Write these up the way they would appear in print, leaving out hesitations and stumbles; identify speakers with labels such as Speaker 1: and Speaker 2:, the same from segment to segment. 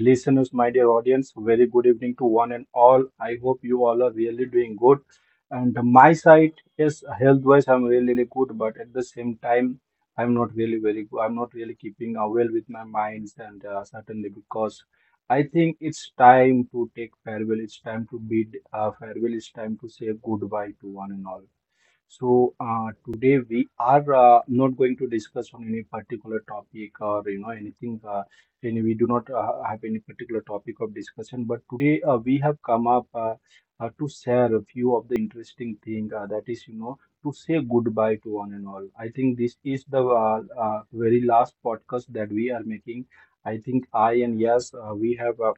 Speaker 1: listeners, my dear audience. Very good evening to one and all. I hope you all are really doing good. And my side, yes, health-wise, I'm really good, but at the same time, I'm not really very good. I'm not really keeping well with my minds, and certainly, because I think it's time to take farewell. It's time to bid farewell. It's time to say goodbye to one and all. So today we are not going to discuss on any particular topic or anything. Any We do not have any particular topic of discussion. But today we have come up to share a few of the interesting thing that is to say goodbye to one and all. I think this is the very last podcast that we are making. I think I and Yes, we have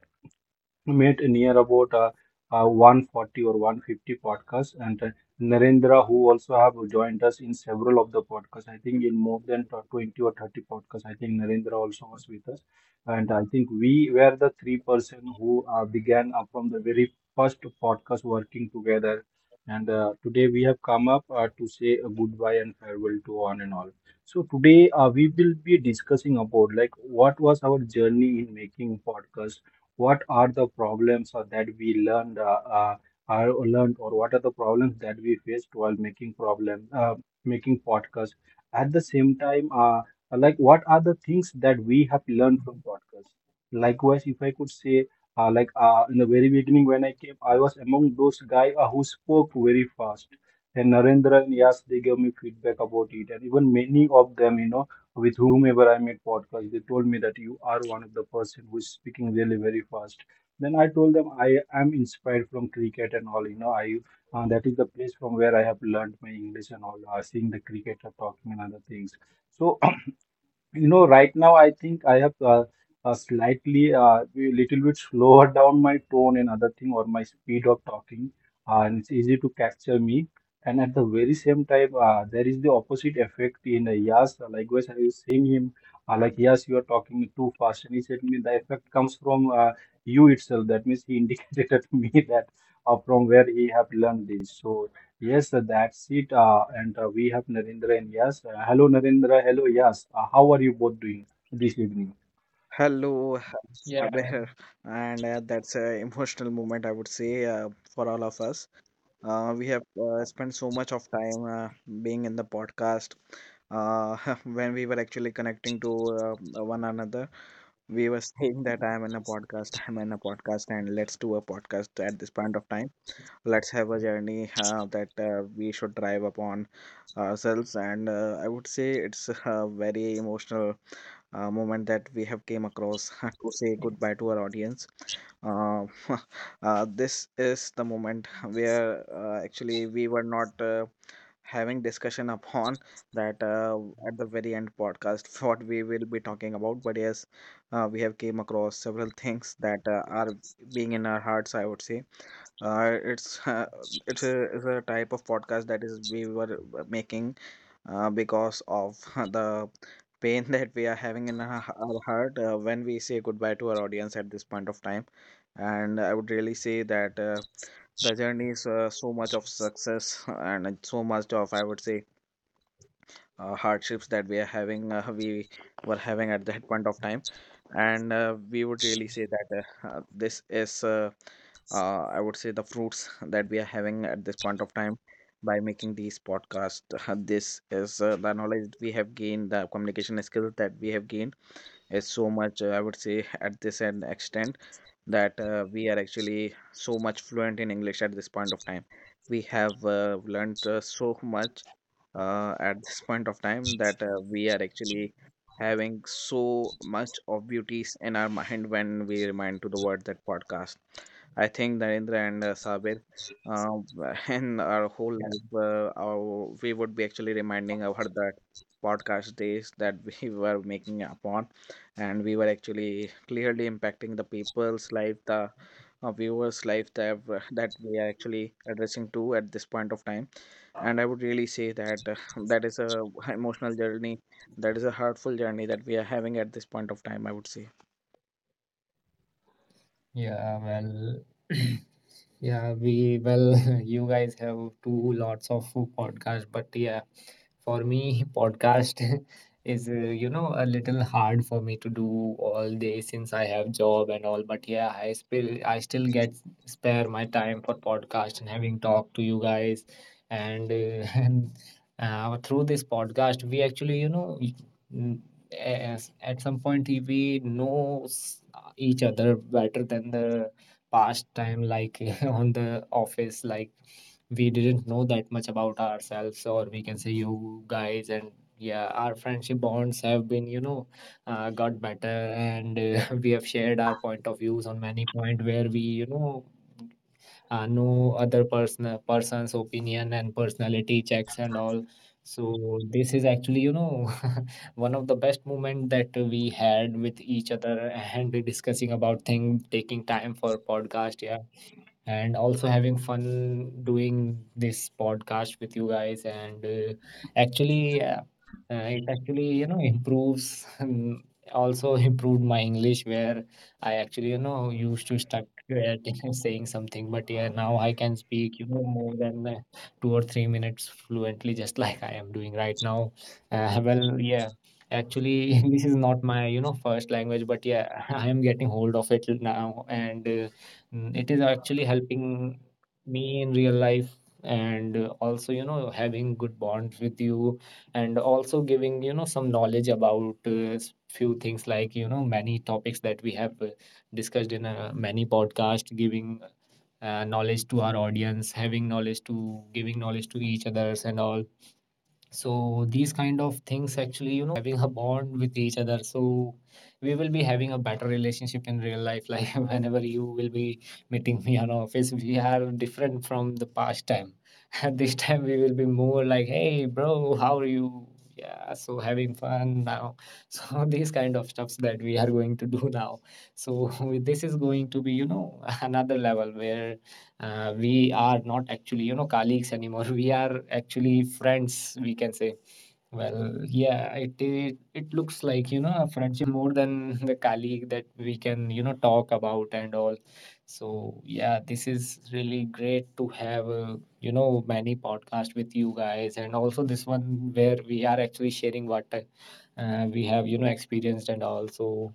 Speaker 1: met near about 140 or 150 podcasts, and Narendra, who also have joined us in several of the podcasts. I think in more than 20 or 30 podcasts, I think Narendra also was with us. And I think we were the three-person who began from the very first podcast working together. And today we have come up to say a goodbye and farewell to one and all. So today we will be discussing about, like, what was our journey in making podcasts, what are the problems or that we learned uh, are learned, or what are the problems that we faced while making problem making podcast. At the same time, like, what are the things that we have learned from podcast. Likewise, if I could say like, in the very beginning, when I came, I was among those guys who spoke very fast, and Narendra and Yas, they gave me feedback about it. And even many of them, you know, with whomever I made podcast, they told me that you are one of the person who is speaking really very fast. Then I told them I am inspired from cricket and all. You know, I that is the place from where I have learned my English and all. Seeing the cricketer talking and other things. So you know, right now I think I have slightly, a little bit slower down my tone and other thing, or my speed of talking, and it's easy to capture me. And at the very same time, there is the opposite effect in Yas. Likewise, I was saying him, like, yes, you are talking too fast. And he said to me, the effect comes from you itself. That means he indicated to me that from where he have learned this. So Yes, that's it. And we have Narendra and Yas. Hello, Narendra. Hello, Yas. How are you both doing this evening?
Speaker 2: Hello, hello,
Speaker 3: Yeah,
Speaker 2: Saber. And that's an emotional moment, I would say, for all of us. We have spent so much of time being in the podcast. Uh, when we were actually connecting to one another, we were saying that I am in a podcast, I'm in a podcast, and let's do a podcast at this point of time. Let's have a journey that we should drive upon ourselves. And I would say it's a very emotional moment that we have came across to say goodbye to our audience. Uh, this is the moment where actually we were not having discussion upon that at the very end podcast what we will be talking about. But yes, we have came across several things that are being in our hearts. I would say it's it's a type of podcast that is we were making because of the pain that we are having in our heart when we say goodbye to our audience at this point of time. And I would really say that the journey is so much of success and so much of, I would say, hardships that we are having we were having at that point of time and we would really say that this is I would say the fruits that we are having at this point of time by making these podcasts. This is the knowledge we have gained, the communication skills that we have gained, is so much I would say at this end extent that we are actually so much fluent in English at this point of time. We have learned so much at this point of time that we are actually having so much of beauties in our mind when we remind to the word that podcast. I think Narendra and Sabir, in our whole life, we would be actually reminding our that podcast days that we were making upon and we were actually clearly impacting the people's life, the viewers life that, w- that we are actually addressing to at this point of time. And I would really say that that is a emotional journey, that is a hurtful journey that we are having at this point of time, I would say.
Speaker 3: yeah, well, yeah, well, you guys have two lots of podcasts, but yeah, for me, podcast is a little hard for me to do all day since I have job and all. But yeah, I still get spare my time for podcast and having talked to you guys and through this podcast, we actually, yes, at some point we know each other better than the past time, like on the office. Like, we didn't know that much about ourselves, or we can say you guys. And yeah, our friendship bonds have been, got better, and we have shared our point of views on many point where we, no other person's opinion and personality checks and all. So this is actually one of the best moment that we had with each other and discussing about thing, taking time for podcast, yeah, and also having fun doing this podcast with you guys. And actually, it actually, improves. um, Also improved my English, where I actually, used to stuck at saying something. But yeah, now I can speak, more than 2 or 3 minutes fluently, just like I am doing right now. Well, yeah, actually, English is not my, first language, but yeah, I am getting hold of it now, and it is actually helping me in real life, and also, having good bonds with you and also giving, some knowledge about few things like, many topics that we have discussed in many podcasts, giving knowledge to our audience, having knowledge, to giving knowledge to each others and all. So these kind of things actually, having a bond with each other. So we will be having a better relationship in real life. Like whenever you will be meeting me on office, we are different from the past time. And this time we will be more like, hey bro, how are you? Yeah, so having fun now. So these kind of stuffs that we are going to do now. So this is going to be, another level where we are not actually colleagues anymore. We are actually friends, we can say. Well, yeah, it looks like a friendship more than the colleague that we can talk about and all. So yeah, this is really great to have many podcast with you guys and also this one where we are actually sharing what we have experienced and all. so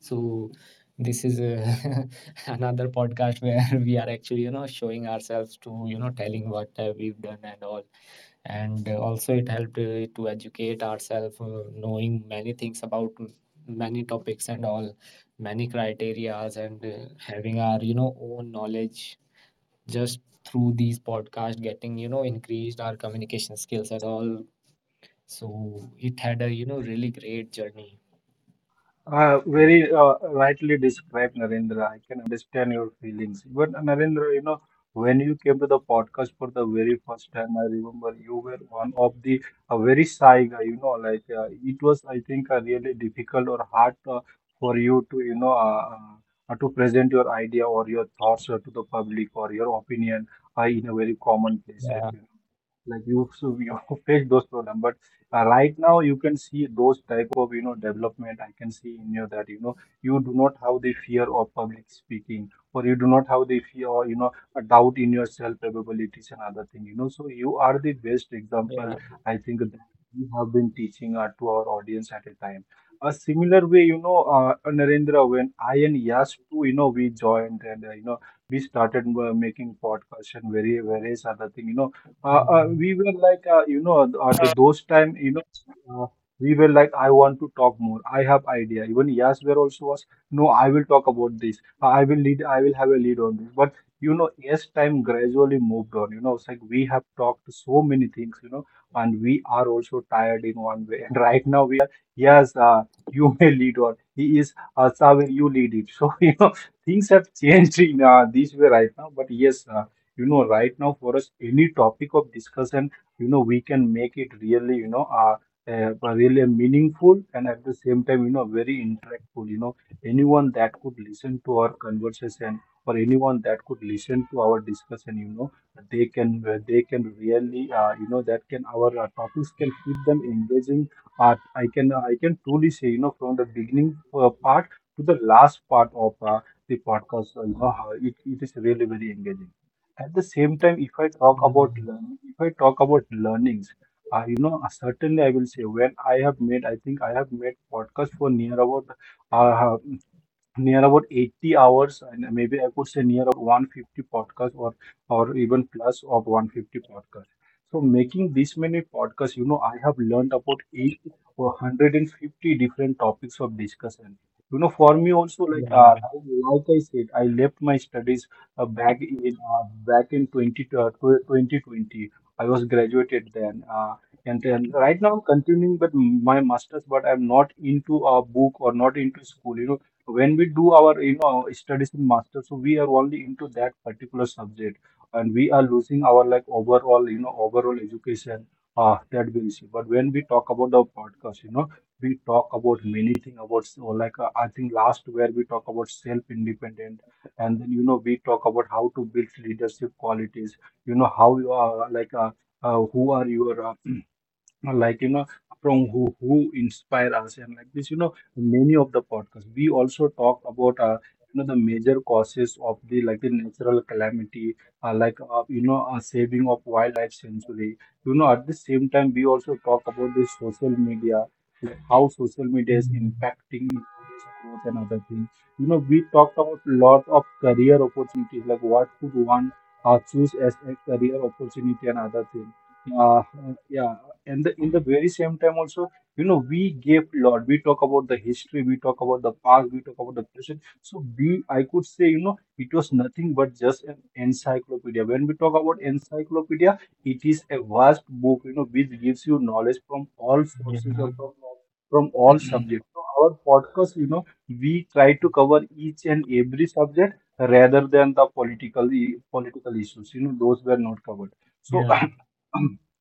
Speaker 3: so this is another podcast where we are actually, showing ourselves to, telling what we've done and all. And also it helped to educate ourselves, knowing many things about many topics and all, many criterias, and having our, own knowledge just through these podcasts, getting, increased our communication skills and all. So it had a, really great journey.
Speaker 1: Very rightly described, Narendra. I can understand your feelings. Even Narendra, you know, when you came to the podcast for the very first time, I remember you were one of the a very shy guy. You know, like, it was, I think, really difficult or hard for you to, you know, to present your idea or your thoughts to the public, or your opinion in a very common places.
Speaker 3: Yeah,
Speaker 1: You know, like, you, so you face those problems. But right now you can see those type of, you know, development. I can see in you that, you know, you do not have the fear of public speaking, or you do not have the fear or, you know, a doubt in your self capabilities and other thing, you know. So you are the best example,
Speaker 3: yeah,
Speaker 1: I think, that we have been teaching to our audience. At a time, a similar way, you know, Narendra, when I and Yash too, you know, we joined and, you know, we started making podcasts and very various other thing, you know,
Speaker 3: mm,
Speaker 1: we were like, you know, at those time, you know, uh, we were like, I want to talk more. I have idea. Even Yasver also was, no, I will talk about this. I will lead. I will have a lead on this. But you know, as time gradually moved on, you know, it's like we have talked so many things, you know, and we are also tired in one way. And right now we are, yes, you may lead on. He is, Saver, you lead it. So you know, things have changed in this way right now. But yes. You know, right now for us, any topic of discussion, you know, we can make it really, you know, really meaningful, and at the same time, you know, very interactful. You know, anyone that could listen to our conversation, or anyone that could listen to our discussion, you know, they can really that can our topics can keep them engaging. I can truly say, you know, from the beginning part to the last part of the podcast. You know, how it is really very engaging. At the same time, if I talk about
Speaker 3: mm,
Speaker 1: learnings, you know, certainly I will say, when I have made, I think I have made podcast for near about uh, 80 hours. And maybe I could say near about 150 podcasts, or even plus of 150 podcasts. So making this many podcasts, you know, I have learned about 8 or 150 different topics of discussion. You know, for me also, like,
Speaker 3: yeah.
Speaker 1: like I said, I left my studies back in 2020. I was graduated then, and then right now I'm continuing but my masters, but I'm not into a book or not into school. You know, when we do our, you know, studies in master, so we are only into that particular subject, and we are losing our, like, overall, you know, overall education that we receive. But when we talk about the podcast, you know, we talk about many things about. So like, I think last where we talk about self independent, and then, you know, we talk about how to build leadership qualities, you know, how you are like, who are your or like, you know, from who inspire us, and like this, you know, many of the podcasts. We also talk about you know, the major causes of the, like, the natural calamity, you know, a saving of wildlife sanctuary. You know, at the same time, we also talk about the social media, like how social media is
Speaker 3: Mmm,
Speaker 1: impacting economic growth and other things. You know, we talked about lot of career opportunities, like what could one choose as a career opportunity and other things. uh, yeah, and in the very same time also, you know, we gave lot. We talk about the history, we talk about the past, we talk about the present. So we, I could say, you know, it was nothing but just an encyclopedia. When we talk about encyclopedia, it is a vast book, you know, which gives you knowledge from all sources, or
Speaker 3: iya,
Speaker 1: from all subjects. So our podcast, you know, we try to cover each and every subject rather than the political issues. You know, those were not covered. So.
Speaker 3: iya.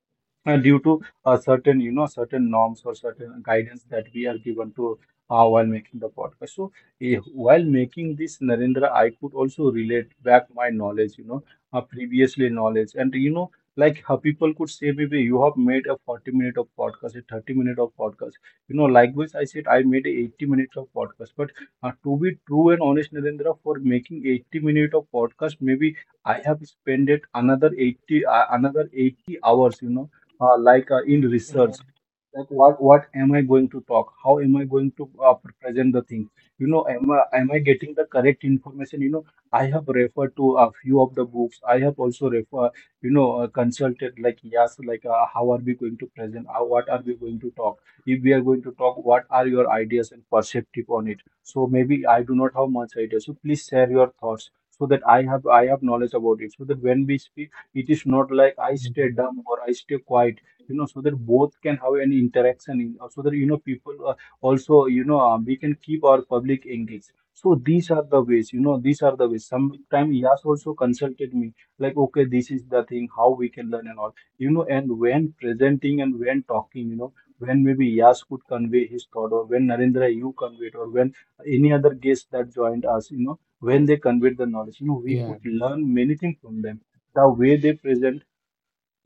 Speaker 1: Due to certain certain norms or certain guidance that we are given to while making the podcast. So while making this, Narendra, I could also relate back my knowledge, you know, previously knowledge. And you know, like, how people could say maybe you have made a 40 minute of podcast, a 30 minute of podcast, you know. Likewise, I said I made a 80 minute of podcast, but to be true and honest, Narendra, for making 80 minute of podcast, maybe I have spent it another 80, another 80 hours, you know, in research,
Speaker 3: Iya.
Speaker 1: like what am I going to talk, how am I going to present the thing, you know. Am I getting the correct information, you know? I have referred to a few of the books. I have also refer, you know, consulted, like, yes, like, how are we going to present, what are we going to talk. If we are going to talk, what are your ideas and perspective on it? So maybe I do not have much idea, so please share your thoughts so that I have knowledge about it, so that when we speak, it is not like I stay dumb or I stay quiet, you know, so that both can have an interaction, in, so that, you know, people also, we can keep our public engaged. So these are the ways, you know, these are the ways. Sometimes Yas also consulted me, like, okay, this is the thing, how we can learn and all, you know. And when presenting and when talking, you know, when maybe Yas could convey his thought, or when Narendra, you conveyed, or when any other guest that joined us, you know, when they conveyed the knowledge, you know, we could
Speaker 3: Iya,
Speaker 1: learn many things from them, the way they present.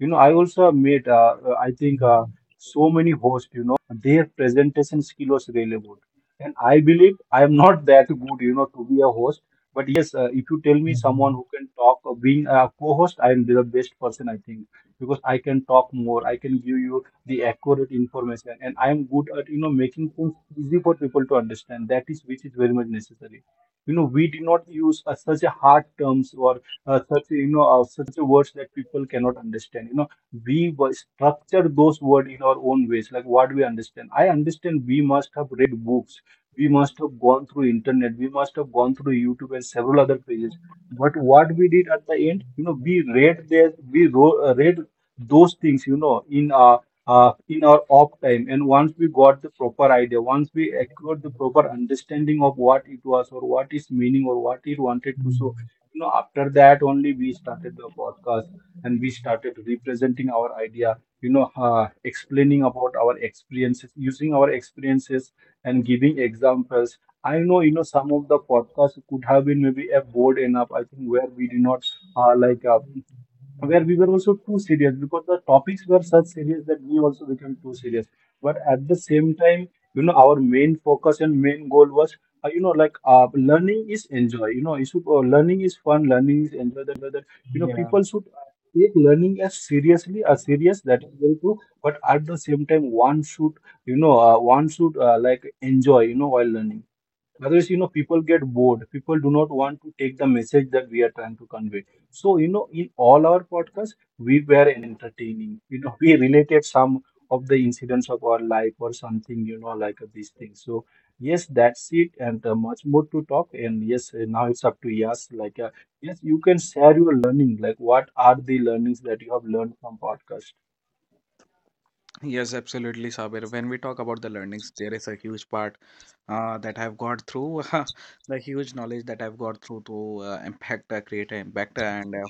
Speaker 1: You know, I also have made I think, so many hosts, you know, their presentation skill was really good, and I believe I am not that good, you know, to be a host. But yes, if you tell me someone
Speaker 3: mhm.
Speaker 1: who can talk, being a co-host, I am the best person, I think, because I can talk more. I can give you the accurate information, and I am good at, you know, making things easy for people to understand, that is, which is very much necessary. You know, we did not use such a hard terms or such, such a words that people cannot understand, you know. We structure those words in our own ways, like what we understand, I understand. We must have read books, we must have gone through internet, we must have gone through YouTube and several other pages. But what we did at the end, you know, we read there, we wrote, read those things, you know, in our off time. And once we got the proper idea, once we acquired the proper understanding of what it was or what its meaning or what it wanted to show, you know, after that only we started the podcast, and we started representing our idea, you know, explaining about our experiences, using our experiences and giving examples. I know, you know, some of the podcasts could have been maybe a bored enough, I think, where we did not uh, like uh, where we were also too serious, because the topics were such serious that we also became too serious. But at the same time, you know, our main focus and main goal was, learning is enjoy, you know. You should, learning is fun, learning is enjoy, that, you know,
Speaker 3: Iya.
Speaker 1: people should take learning as seriously, as serious, that is very true. But at the same time, one should, one should, like, enjoy, you know, while learning. Otherwise, you know, people get bored. People do not want to take the message that we are trying to convey. So, you know, in all our podcasts, we were entertaining. You know, we related some of the incidents of our life or something, you know, like these things. So yes, that's it, and much more to talk. And yes, now it's up to yes. Like, yes, you can share your learning. Like, what are the learnings that you have learned from podcast?
Speaker 2: Yes, absolutely, Sabir. When we talk about the learnings, there is a huge part that I've got through, the huge knowledge that I've got through to impact, create an impact, and uh,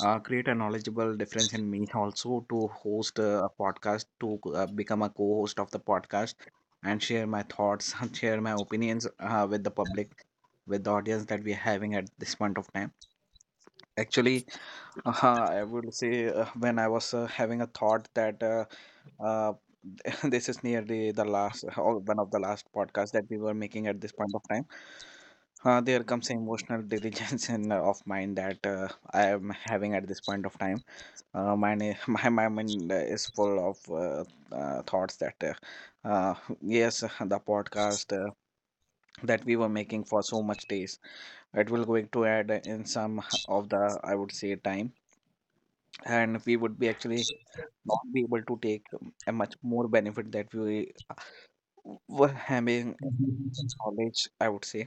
Speaker 2: uh, create a knowledgeable difference in me also to host a podcast, to become a co-host of the podcast, and share my thoughts, share my opinions with the public, with the audience that we're having at this point of time. Actually, I would say when I was having a thought that uh, this is nearly the last or one of the last podcasts that we were making at this point of time, there comes emotional diligence in, of mine that I am having at this point of time. My mind is full of thoughts that yes, the podcast that we were making for so much days, it will going to add in some of the, I would say, time, and we would be actually not be able to take a much more benefit that we were having, knowledge, I would say,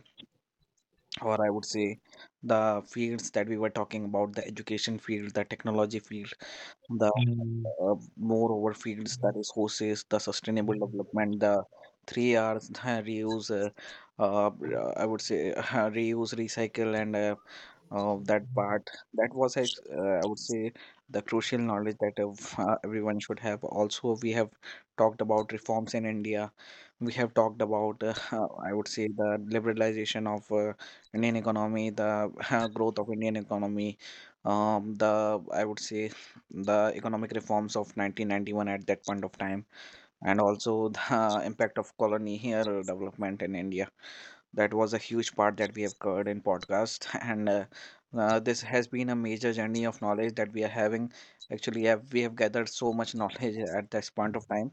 Speaker 2: or I would say the fields that we were talking about: the education field, the technology field, the
Speaker 3: Mmm,
Speaker 2: moreover fields that is horses, the sustainable development, the three R's, the reuse, uh, I would say reuse, recycle, and that part that was I would say the crucial knowledge that everyone should have. Also, we have talked about reforms in India, we have talked about I would say the liberalization of Indian economy, the growth of Indian economy, the, I would say, the economic reforms of 1991 at that point of time, and also the impact of colonial development in India. That was a huge part that we have covered in podcast, and this has been a major journey of knowledge that we are having. Actually have, we have gathered so much knowledge at this point of time.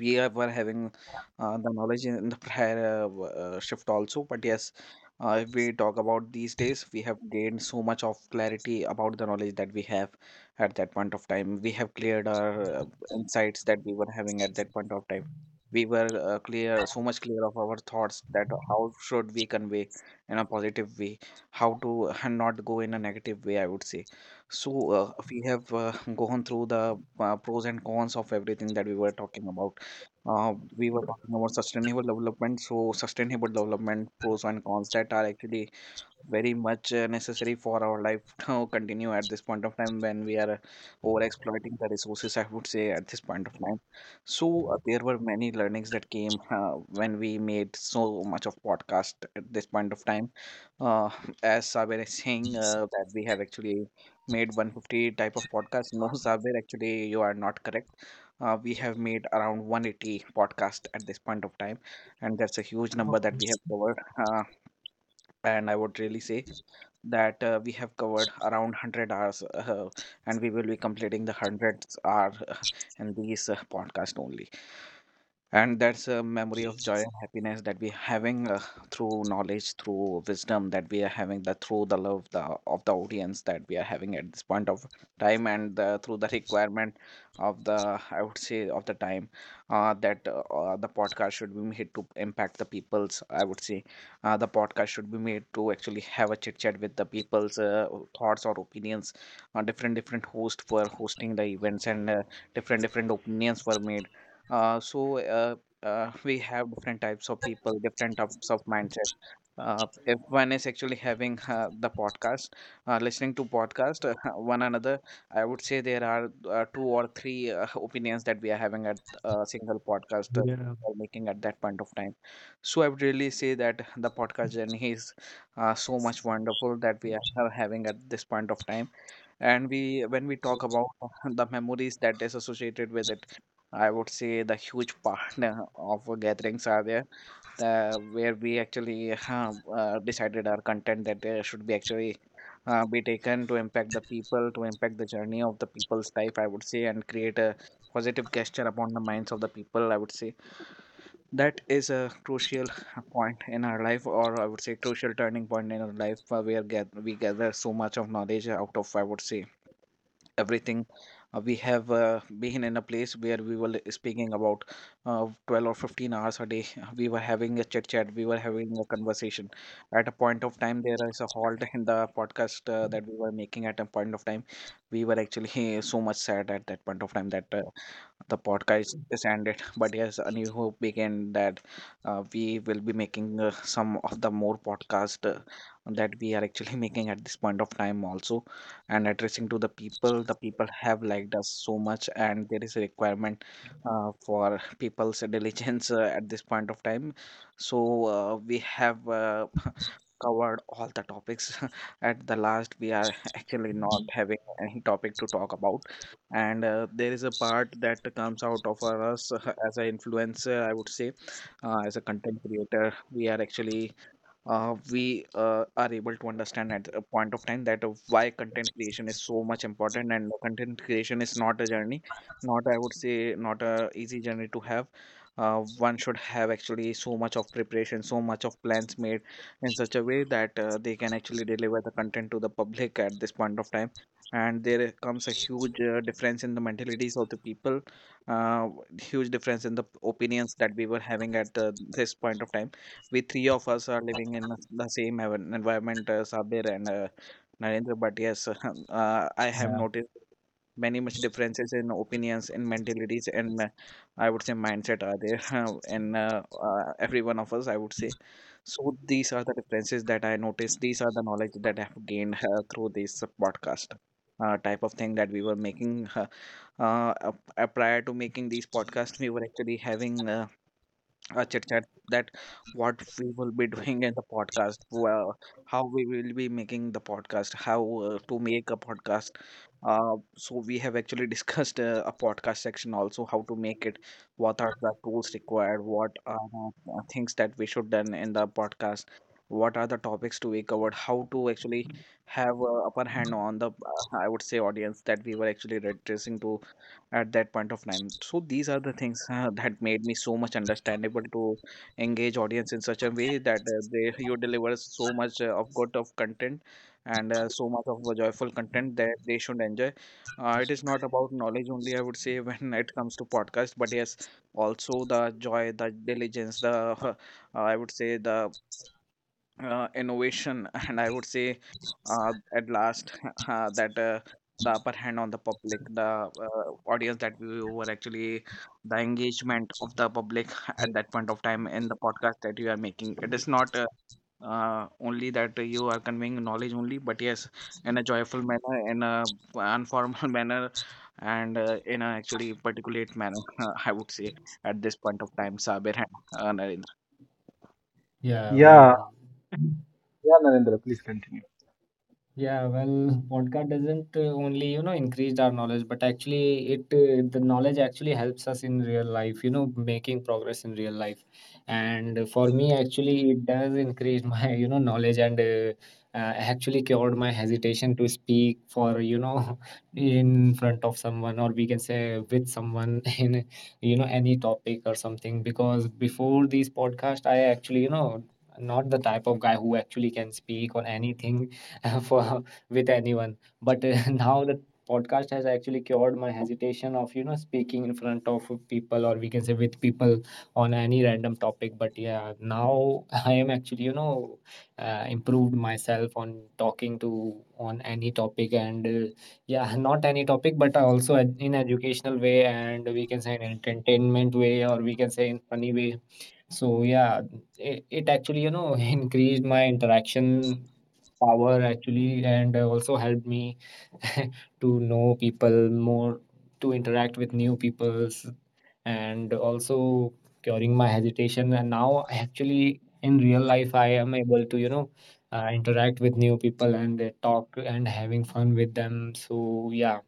Speaker 2: We were having the knowledge in the prior shift also, but yes, if we talk about these days, we have gained so much of clarity about the knowledge that we have at that point of time. We have cleared our uh, insights that we were having at that point of time. We were clear, so much clear of our thoughts that how should we convey in a positive way, how to not go in a negative way, I would say. So we have gone through the pros and cons of everything that we were talking about. We were talking about sustainable development. So, sustainable development pros and cons that are actually very much necessary for our life to continue at this point of time when we are over exploiting the resources, I would say, at this point of time. So there were many learnings that came when we made so much of podcast at this point of time. uh, as Saber is saying, that we have actually made 150 type of podcast, no. Saber, actually, you are not correct. We have made around 180 podcast at this point of time, and that's a huge number that we have covered, uh, and I would really say that we have covered around 100 hours, and we will be completing the 100th hour in these podcast only, and that's a memory of joy and happiness that we're having through knowledge, through wisdom that we are having, that through the love, the, of the audience that we are having at this point of time, and the, through the requirement of the, I would say, of the time that the podcast should be made to impact the people's. I would say the podcast should be made to actually have a chit chat with the people's thoughts or opinions. Different different hosts were hosting the events, and different different opinions were made, so we have different types of people, different types of mindset. If one is actually having the podcast, listening to podcast one another, I would say there are two or three opinions that we are having at a single podcast
Speaker 3: iya,
Speaker 2: or making at that point of time. So I would really say that the podcast journey is so much wonderful that we are having at this point of time, and we when we talk about the memories that is associated with it, I would say the huge part of our gatherings are there where we actually decided our content that should be actually be taken to impact the people, to impact the journey of the people's life, I would say, and create a positive gesture upon the minds of the people, I would say. That is a crucial point in our life, or I would say crucial turning point in our life, where we gather so much of knowledge out of, I would say, everything. We have been in a place where we were speaking about 12 or 15 hours a day. We were having a chit chat, we were having a conversation. At a point of time, there is a halt in the podcast that we were making at a point of time. We were actually so much sad at that point of time that the podcast is ended. But yes, a new hope began that we will be making some of the more podcast that we are actually making at this point of time also, and addressing to the people. The people have liked us so much, and there is a requirement for people's diligence at this point of time. So we have. Covered all the topics. At the last, we are actually not having any topic to talk about, and there is a part that comes out of our us, as an influencer, I would say, as a content creator. We are actually we are able to understand at a point of time that why content creation is so much important, and content creation is not a journey, not, I would say, not a easy journey to have. Uh, one should have actually so much of preparation, so much of plans made in such a way that they can actually deliver the content to the public at this point of time. And there comes a huge difference in the mentalities of the people, uh, huge difference in the opinions that we were having at this point of time. We three of us are living in the same environment, Sabir and Narendra. But yes, I have
Speaker 3: iya.
Speaker 2: noticed many much differences in opinions, in mentalities, and I would say mindset are there in every one of us, I would say. So these are the differences that I noticed. These are the knowledge that I have gained through this podcast. Type of thing that we were making. Uh, Prior to making these podcasts, we were actually having chit chat that what we will be doing in the podcast. Well, how we will be making the podcast, how to make a podcast. So we have actually discussed a podcast section also, how to make it, what are the tools required, what are the things that we should done in the podcast, what are the topics to be covered, how to actually have upper hand on the, I would say, audience that we were actually addressing to at that point of time. So these are the things that made me so much understandable to engage audience in such a way that they you deliver so much of good of content, and so much of a joyful content that they should enjoy. It is not about knowledge only, I would say, when it comes to podcast. But yes, also the joy, the diligence, the uh, I would say the innovation, and I would say at last that the upper hand on the public, the audience that we were actually, the engagement of the public at that point of time in the podcast that you are making. It is not only that you are conveying knowledge only, but yes, in a joyful manner, in a informal manner, and in a actually particulate manner, I would say at this point of time. Sabir and Narendra.
Speaker 3: Iya,
Speaker 1: Yeah,
Speaker 3: bener.
Speaker 1: yeah, Narendra, please continue.
Speaker 3: Yeah, well, podcast doesn't only, increase our knowledge, but actually it the knowledge actually helps us in real life, making progress in real life. And for me, actually, it does increase my, knowledge, and actually cured my hesitation to speak for, in front of someone, or we can say with someone, in, any topic or something. Because before these podcast, I actually, not the type of guy who actually can speak on anything for with anyone. But now the podcast has actually cured my hesitation of speaking in front of people, or we can say with people, on any random topic. But yeah, now I am actually improved myself on talking to on any topic, and yeah, not any topic, but also in educational way, and we can say in entertainment way, or we can say in funny way. So yeah, it actually, increased my interaction power actually, and also helped me to know people more, to interact with new peoples, and also curing my hesitation. And now I actually, in real life, I am able to, interact with new people and talk and having fun with them. So yeah,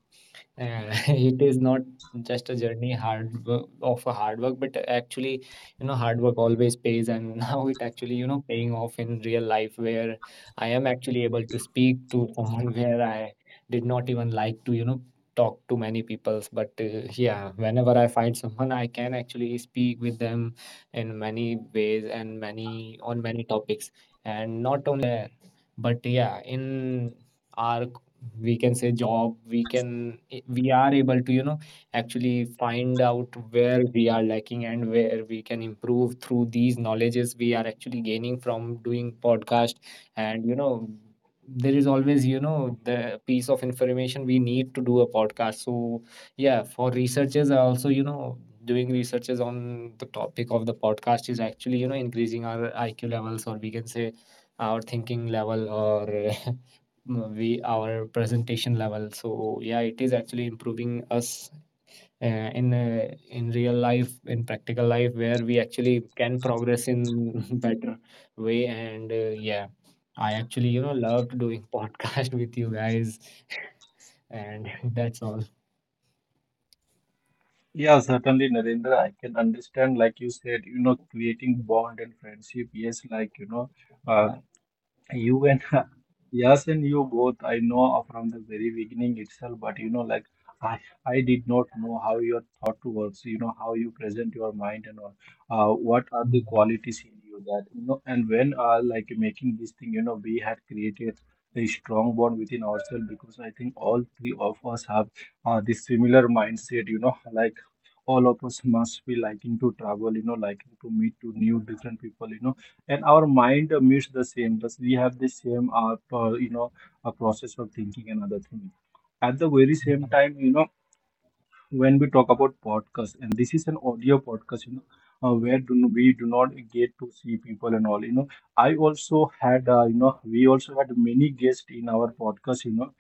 Speaker 3: and it is not just a journey hard work, of a hard work, but actually hard work always pays, and now it actually paying off in real life, where I am actually able to speak to someone where I did not even like to talk to many peoples. But yeah, whenever I find someone, I can actually speak with them in many ways and many on many topics. And not only there, but yeah, in our, we can say, job, we are able to actually find out where we are lacking and where we can improve through these knowledges we are actually gaining from doing podcast. And there is always the piece of information we need to do a podcast. So yeah, for researchers are also doing researches on the topic of the podcast is actually increasing our IQ levels, or we can say our thinking level, or we our presentation level. So yeah, it is actually improving us, in real life, in practical life, where we actually can progress in better way, and yeah, I actually loved doing podcast with you guys, and that's all.
Speaker 1: Yeah, certainly, Narendra. I can understand, like you said, you know, creating bond and friendship. Yes, like you know, uh,
Speaker 3: Yeah.
Speaker 1: you, and yes, and you both. I know from the very beginning itself, but you know, like I, I did not know how your thought works. You know, how you present your mind and all. What are the qualities in you that you know? And when like making this thing, you know, we had created a strong bond within ourselves, because I think all three of us have this similar mindset. You know, like all of us must be liking to travel, you know, liking to meet to new different people, you know, and our mind meets the same, but we have the same you know, a process of thinking and other thing. At the very same time, you know, when we talk about podcast, and this is an audio podcast, you know, where do no, we do not get to see people and all, you know. I also had, you know, we also had many guests in our podcast, you know,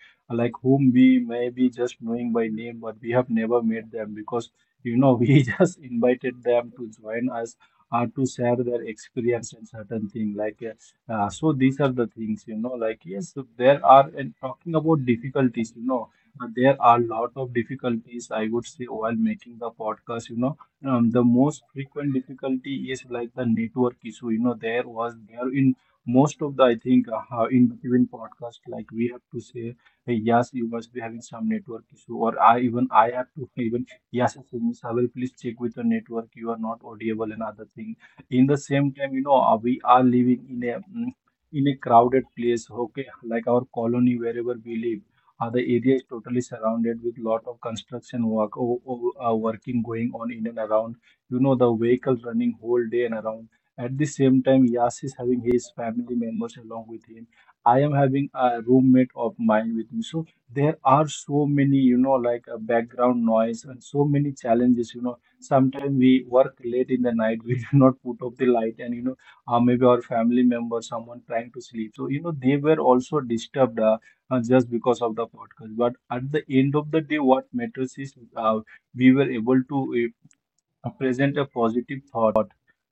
Speaker 1: like whom we may be just knowing by name, but we have never met them, because you know, we just invited them to join us or to share their experience and certain thing, like so these are the things, you know, like yes. There are, and talking about difficulties, you know, there are a lot of difficulties, I would say, while making the podcast, you know. The most frequent difficulty is like the network issue, you know. There was there in most of the, I think, in even podcast, like we have to say, hey, yes, you must be having some network issue, or I, even I have to even yes SMS, I will please check with the network, you are not audible and other thing. In the same time, you know, we are living in a, in a crowded place. Okay, like our colony, wherever we live, the area is totally surrounded with lot of construction work, working going on in and around. You know, the vehicles running whole day and around. At the same time, Yas is having his family members along with him. I am having a roommate of mine with me. So there are so many, you know, like a background noise, and so many challenges. You know, sometimes we work late in the night. We do not put up the light, and you know, maybe our family member, someone trying to sleep. So you know, they were also disturbed. Just because of the podcast. But at the end of the day, what matters is we were able to present a positive thought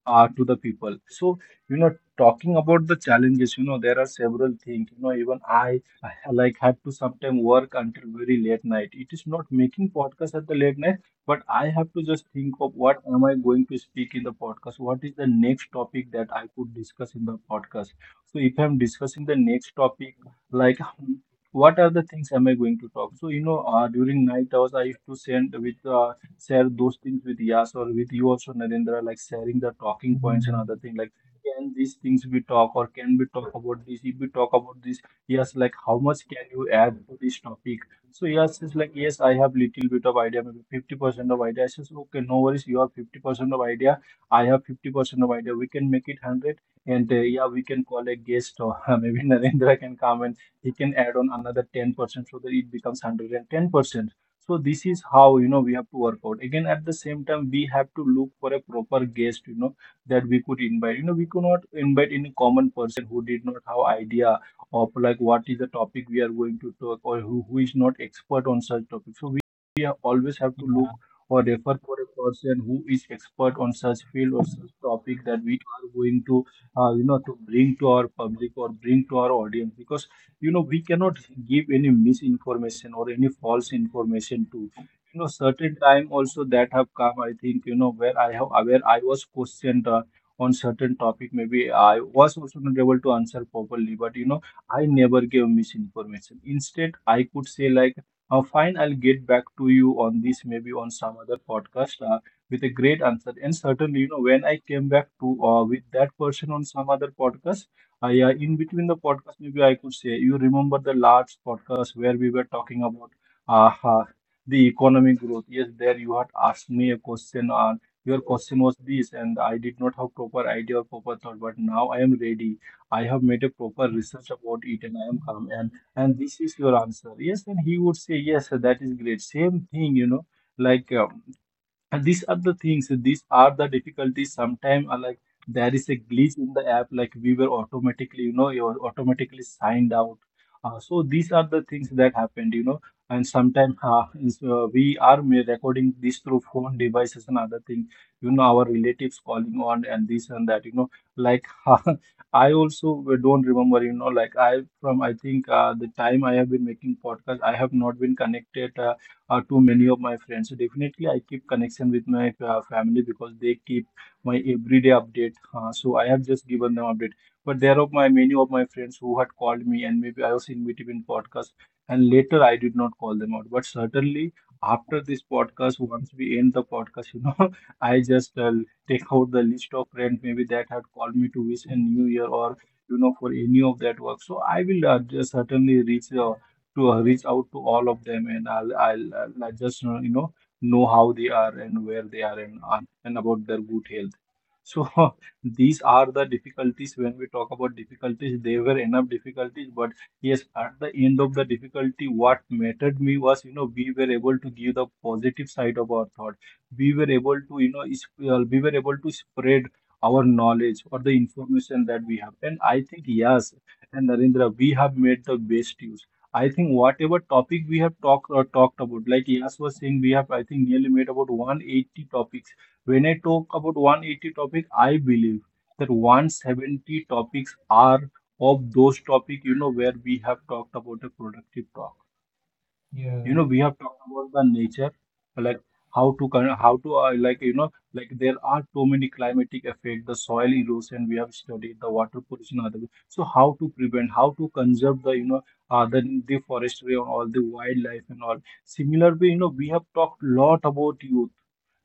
Speaker 1: to the people. So you know, talking about the challenges, you know, there are several things, you know. Even I, like, had to sometimes work until very late night. It is not making podcast at the late night, but I have to just think of what am I going to speak in the podcast, what is the next topic that I could discuss in the podcast. So if I'm discussing the next topic, like, what are the things am I going to talk. So you know, during night hours, I used to send with, share those things with Yas, or with you also, Narendra, like sharing the talking points and other
Speaker 3: Mm.
Speaker 1: thing. Like, can these things be talk, or can we talk about this? If we talk about this, yes, like how much can you add to this topic? So yes, it's like, yes, I have little bit of idea, maybe 50% of idea. I says, okay, no worries, you have 50% of idea. I have 50% of idea. We can make it 100, and yeah, we can call a guest, or maybe Narendra can come and he can add on another 10%, so that it becomes 110%. So this is how, you know, we have to work out. Again, at the same time, we have to look for a proper guest, you know, that we could invite. You know, we could not invite any common person who did not have idea of like what is the topic we are going to talk, or who is not expert on such topic. So we have, always have to look or refer for a person who is expert on such field or such topic that we are going to you know, to bring to our public or bring to our audience. Because you know, we cannot give any misinformation or any false information to, you know. Certain time also that have come, I think, you know, where I have, where I was questioned on certain topic, maybe I was also not able to answer properly, but you know, I never gave misinformation. Instead, I could say, like, fine, I'll get back to you on this, maybe on some other podcast with a great answer. And certainly, you know, when I came back to with that person on some other podcast, yeah, in between the podcast, maybe I could say, you remember the last podcast where we were talking about uh, uh, the economic growth. Yes, there you had asked me a question on your question was this, and I did not have proper idea or proper thought, but now I am ready. I have made a proper research about it, and I am calm. And this is your answer. Yes, and he would say yes, that is great. Same thing, you know, like. And these are the things, these are the difficulties. Sometimes, like there is a glitch in the app, like we were automatically, you know, you're automatically signed out. So these are the things that happened, you know. And sometimes we are recording this through phone devices and other things, you know, our relatives calling on and this and that, you know. Like I also don't remember, you know, like I think the time I have been making podcast, I have not been connected to many of my friends. So definitely, I keep connection with my family because they keep my everyday update. So I have just given them update. But there are my many of my friends who had called me, and maybe I was invited in podcast, and later I did not call them out. But certainly after this podcast, once we end the podcast, you know, I just take out the list of friends maybe that had called me to wish a new year or you know for any of that work. So I will just certainly reach. To Reach out to all of them and I'll just know how they are and where they are and about their good health. So these are the difficulties when we talk about difficulties. They were enough difficulties, but yes, at the end of the difficulty, what mattered me was you know we were able to give the positive side of our thought. We were able to you know we were able to spread our knowledge or the information that we have. And I think yes, and Narendra, we have made the best use. I think whatever topic we have talked or talked about, like Yas was saying, we have I think nearly made about 180 topics. When I talk about 180 topic, I believe that 170 topics are of those topic you know where we have talked about a productive talk you
Speaker 3: Yeah,
Speaker 1: know we have talked about the nature like how to like you know like there are too many climatic effects the soil erosion we have studied the water pollution other so how to prevent how to conserve the you know uh, the the forestry and all the wildlife and all similarly you know we have talked lot about youth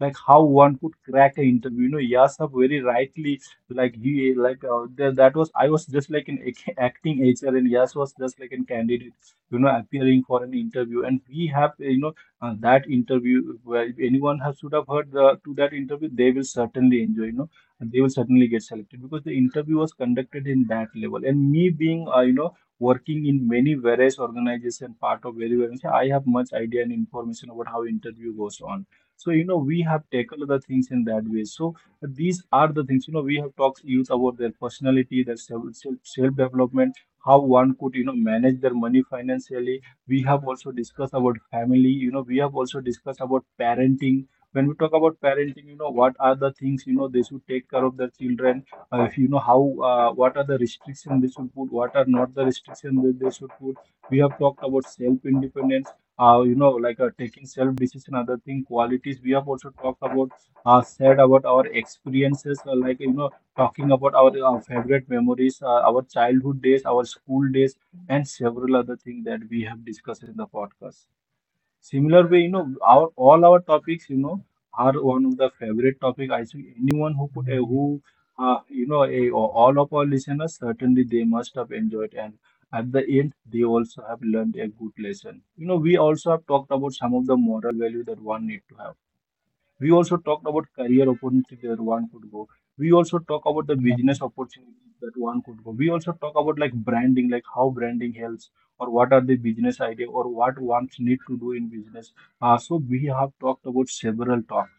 Speaker 1: like how one could crack an interview you know Yasab very rightly like that was I was just like an acting HR and Yas was just like a candidate you know appearing for an interview and we have that interview where if anyone has should have heard to that interview they will certainly enjoy you know and they will certainly get selected because the interview was conducted in that level and me being working in many various organization part of very various I have much idea and information about how interview goes on so you know we have taken the things in that way so these are the things you know we have talked youth about their personality their self development how one could you know manage their money financially we have also discussed about family you know we have also discussed about parenting when we talk about parenting you know what are the things you know they should take care of their children if you know how what are the restrictions they should put what are not the restrictions that they should put we have talked about self independence taking self decision other thing qualities we have also talked about said about our experiences like you know talking about our favorite memories, our childhood days, our school days, and several other things that we have discussed in the podcast. Similar way, you know, our all our topics, you know, are one of the favorite topic. I think anyone who could, you know, all of our listeners certainly they must have enjoyed, and at the end they also have learned a good lesson. You know, we also have talked about some of the moral value that one need to have we also talked about career opportunity that one could go. We also talk about the business opportunities that one could go. We also talk about like branding, like how branding helps, or what are the business idea, or what one need to do in business. So we have talked about several talks.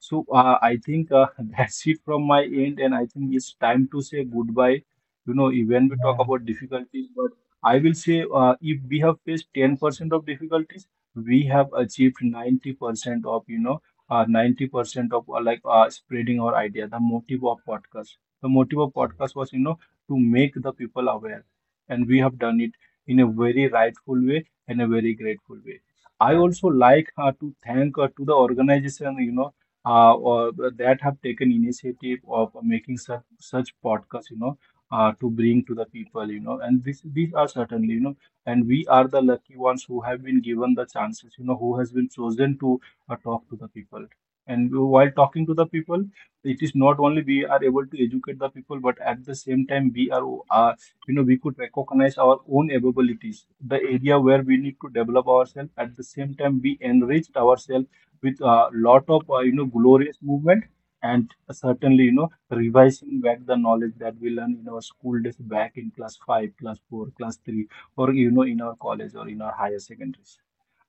Speaker 1: So I think that's it from my end, and I think it's time to say goodbye. You know, when we talk about difficulties, but I will say if we have faced 10% of difficulties, we have achieved 90% of, you know, 90% of spreading our idea. The motive of podcast, the motive of podcast was, you know, to make the people aware, and we have done it in a very rightful way and a very grateful way. I also like to thank to the organization, you know or that have taken initiative of making such podcasts, you know, to bring to the people, you know, and this these are certainly, you know, and we are the lucky ones who have been given the chances, you know, who has been chosen to talk to the people. And while talking to the people, it is not only we are able to educate the people, but at the same time we are, uh, you know, we could recognize our own abilities, the area where we need to develop ourselves. At the same time, we enriched ourselves with a lot of glorious movement and certainly you know revising back the knowledge that we learned in our school days back in class 5 class 4 class 3 or you know in our college or in our higher secondaries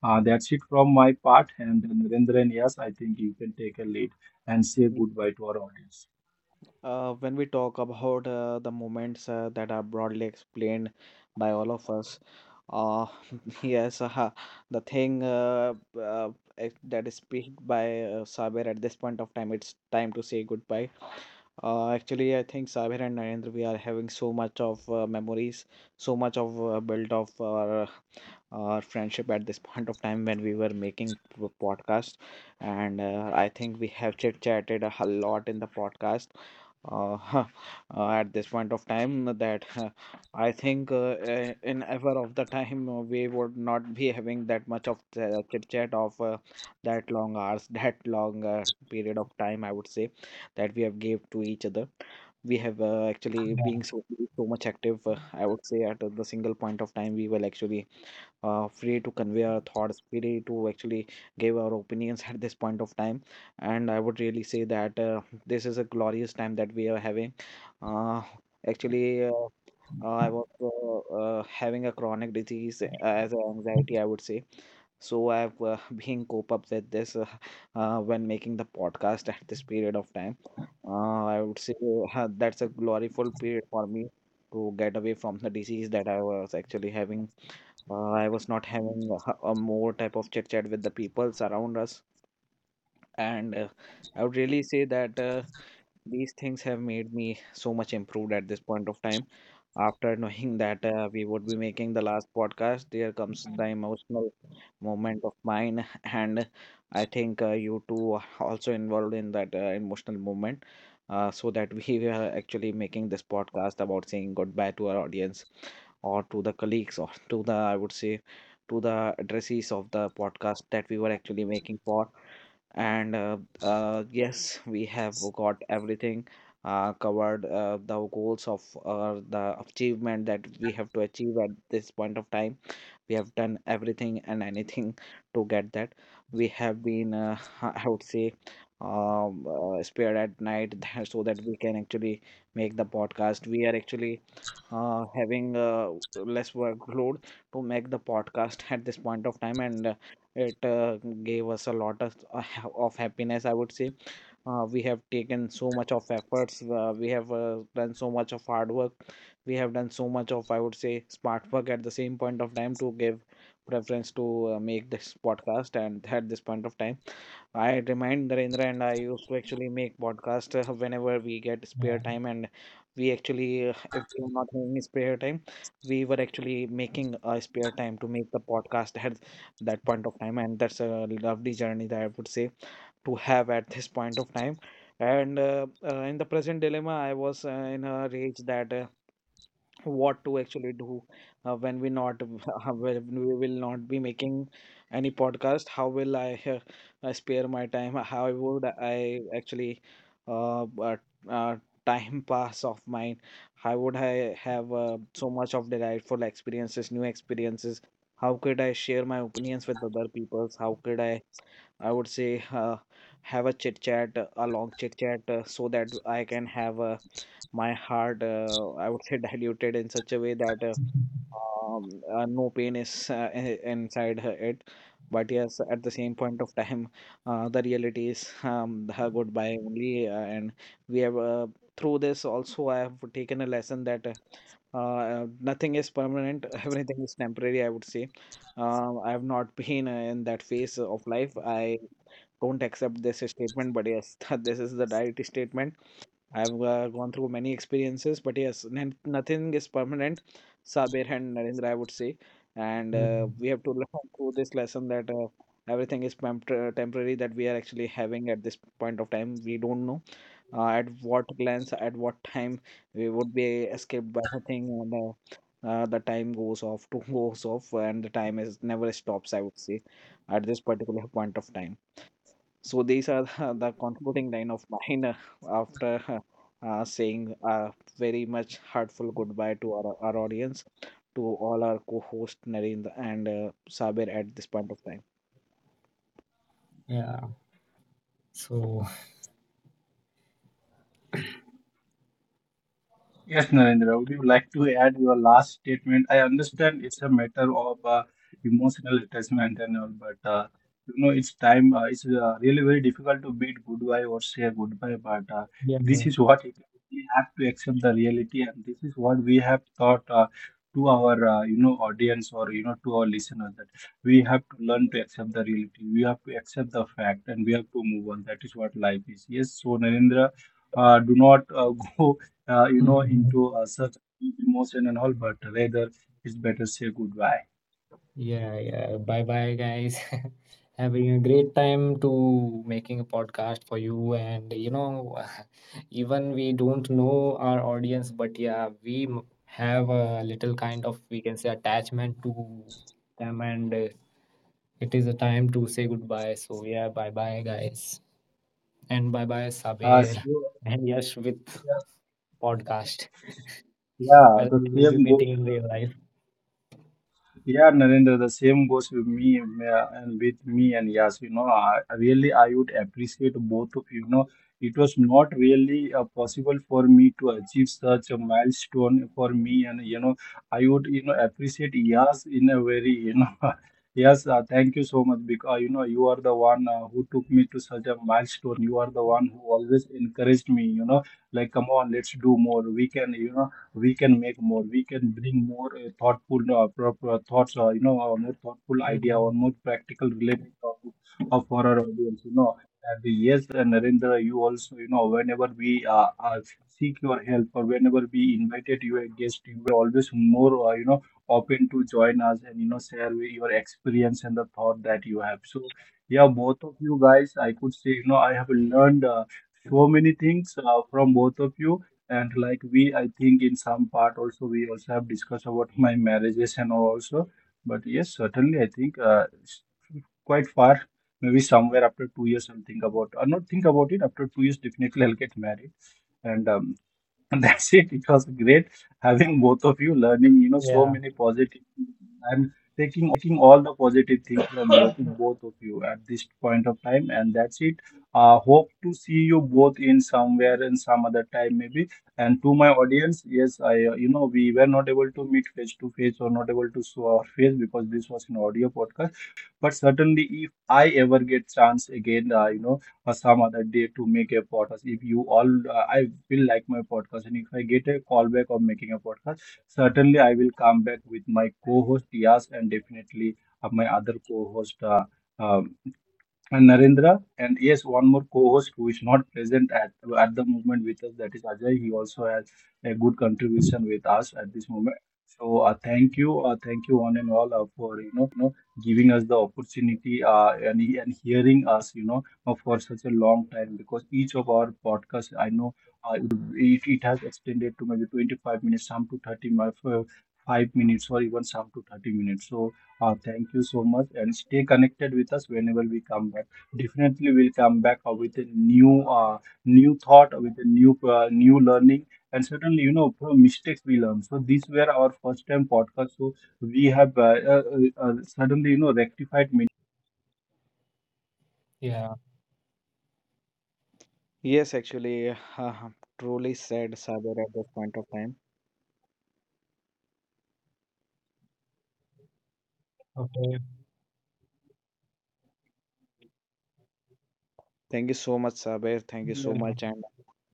Speaker 1: that's it from my part and Narendra and yes I think you can take a lead and say goodbye to our audience.
Speaker 2: When we talk about the moments that are broadly explained by all of us, uh, yes, the thing uh, that is speaked by Sabir at this point of time, it's time to say goodbye. Actually, I think Sabir and Narendra, we are having so much of memories, so much of build of our friendship at this point of time when we were making podcast. And I think we have chit chatted a lot in the podcast, uh, at this point of time that I think in ever of the time we would not be having that much of chit chat of that long hours, that long period of time. I would say that we have gave to each other. We have actually
Speaker 3: yeah.
Speaker 2: being so much active. I would say at the single point of time we will actually free to convey our thoughts, free to actually give our opinions at this point of time. And I would really say that this is a glorious time that we are having. Uh, Actually, I was having a chronic disease, as an anxiety, I would say. So I've been cope up with this when making the podcast at this period of time. I would say that's a glorious period for me to get away from the disease that I was actually having. Uh, I was not having a more type of chit chat with the peoples around us. And I would really say that these things have made me so much improved at this point of time. After knowing that we would be making the last podcast, there comes the emotional moment of mine, and I think you two are also involved in that emotional moment, so that we were actually making this podcast about saying goodbye to our audience, or to the colleagues, or to the, I would say, to the addressees of the podcast that we were actually making for. And yes, we have got everything covered, the goals of the achievement that we have to achieve at this point of time. We have done everything and anything to get that. We have been I would say spared at night so that we can actually make the podcast. We are actually having less workload to make the podcast at this point of time. And it gave us a lot of happiness, I would say. Uh, We have taken so much of efforts. Uh, We have done so much of hard work. We have done so much of, I would say, smart work at the same point of time to give preference to make this podcast. And at this point of time, I remind Narendra and I used to actually make podcast whenever we get spare time. And we actually, if we are not having spare time, we were actually making a spare time to make the podcast at that point of time. And that's a lovely journey that, I would say, to have at this point of time. And in the present dilemma, I was in a rage that what to actually do, when we not when we will not be making any podcast. How will I uh, spare my time? How would I actually uh, uh, uh, time pass of mine? How would I have so much of delightful experiences, new experiences? How could I share my opinions with other peoples? How could I would say, have a chit chat, a long chit chat, so that I can have my heart, I would say, diluted in such a way that no pain is inside it. But yes, at the same point of time, the reality is, the goodbye only. Uh, And we have, through this also, I have taken a lesson that nothing is permanent, everything is temporary, I would say. I have not been in that phase of life. I don't accept this statement, but yes, that this is the diet statement. I've gone through many experiences, but yes, nothing is permanent, Sabir and Narendra, I would say. And we have to learn through this lesson that everything is temporary that we are actually having at this point of time. We don't know at what glance, at what time we would be escaped by the thing. And the time goes off to goes off, and the time is never stops, I would say, at this particular point of time. So these are the concluding line of mine, after saying a very much heartful goodbye to our audience, to all our co-host Narendra and Saber at this point of time.
Speaker 3: Yeah. So
Speaker 1: Yes, Narendra, would you like to add your last statement? I understand it's a matter of emotional attachment and all, but you know, it's time, it's really very difficult to bid goodbye or say goodbye, but
Speaker 3: yeah.
Speaker 1: this is what it, we have to accept the reality, and this is what we have taught to our, you know, audience or, you know, to our listeners that we have to learn to accept the reality, we have to accept the fact, and we have to move on. That is what life is. Yes, so Narendra, do not go you know, into such deep emotion and all, but rather it's better say goodbye.
Speaker 3: Yeah, yeah. Bye bye, guys. Having a great time to making a podcast for you. And, even we don't know our audience, but yeah, we have a little kind of, we can say, attachment to them. And it is a time to say goodbye. So, yeah, bye bye, guys. And bye bye,
Speaker 1: Uh,
Speaker 3: Sabir
Speaker 1: so,
Speaker 3: and Yash with podcast.
Speaker 1: yeah,
Speaker 3: Well,
Speaker 1: the
Speaker 3: we will be
Speaker 1: same goes.
Speaker 3: meeting in real life.
Speaker 1: Yeah, Narendra, the same goes with me and with me and Yas. You know, I really I would appreciate both of you. You know, it was not really possible for me to achieve such a milestone for me, and you know, I would you know appreciate Yas in a very you know. Yes, thank you so much because you know you are the one who took me to such a milestone. You are the one who always encouraged me. You know, like come on, let's do more. We can. You know we can make more we can bring more thoughtful thoughts or you know a more thoughtful idea
Speaker 3: Mm,
Speaker 1: or more practical related topic for our audience you know and yes and Narendra you also you know whenever we seek your help or whenever we invited you a guest you were always more you know open to join us and you know share with your experience and the thought that you have so yeah both of you guys I could say you know I have learned so many things from both of you and like we I think in some part also we also have discussed about my marriages and all also but yes certainly I think it's quite far maybe somewhere after 2 years I'll think about or not think about it after 2 years definitely I'll get married and um, and that's it. It was great having both of you learning, you know, so
Speaker 3: yeah,
Speaker 1: many positive things. I'm taking all the positive things from both of you at this point of time, and that's it. Hope to see you both in somewhere and some other time maybe. And to my audience, yes, I, you know, we were not able to meet face to face or not able to show our face because this was an audio podcast. But certainly, if I ever get chance again, you know or some other day to make a podcast. If you all, I will like my podcast, and if I get a call back of making a podcast, certainly I will come back with my co-host Yas and definitely my other co-host. Um and Narendra, and yes, one more co-host who is not present at the moment with us, that is Ajay. He also has a good contribution with us at this moment. So thank you one and all for you know giving us the opportunity and hearing us you know for such a long time because each of our podcasts, I know it has extended to maybe 25 minutes, some to 5 minutes, or even some to 30 minutes. So thank you so much and stay connected with us whenever we come back. Definitely we'll come back with a new new thought, with a new new learning and certainly you know from mistakes we learn. So these were our first time podcast so we have suddenly you know rectified many
Speaker 3: yeah.
Speaker 2: Yes, actually, uh, truly said, Sabir, at this point of time.
Speaker 3: Okay.
Speaker 2: Thank you so much, Sabir. Thank you
Speaker 3: Yeah,
Speaker 2: so much, and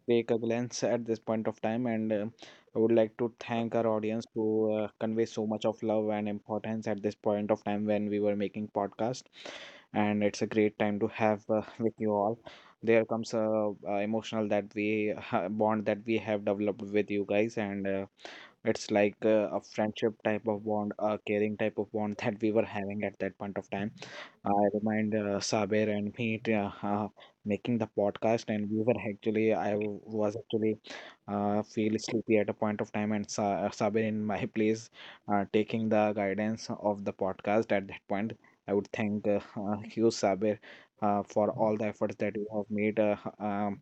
Speaker 2: take a glance at this point of time. And I would like to thank our audience to convey so much of love and importance at this point of time when we were making podcast. And it's a great time to have with you all. There comes a emotional that we bond that we have developed with you guys. And it's like a friendship type of bond, a caring type of bond, that we were having at that point of time. I remind Saber and me to, making the podcast, and we were actually, I was actually feel sleepy at a point of time, and Saber in my place taking the guidance of the podcast at that point. I would thank you, Saber, for all the efforts that you have made,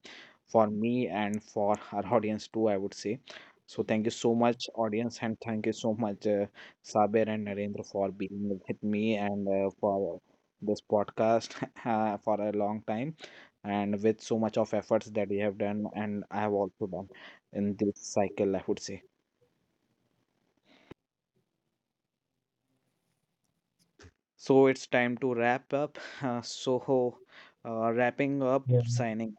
Speaker 2: for me and for our audience too, I would say. So thank you so much, audience, and thank you so much, Saber and Narendra, for being with me, and for this podcast for a long time, and with so much of efforts that you have done and I have also done in this cycle, I would say. So it's time to wrap up. So wrapping up,
Speaker 3: yeah.
Speaker 2: signing.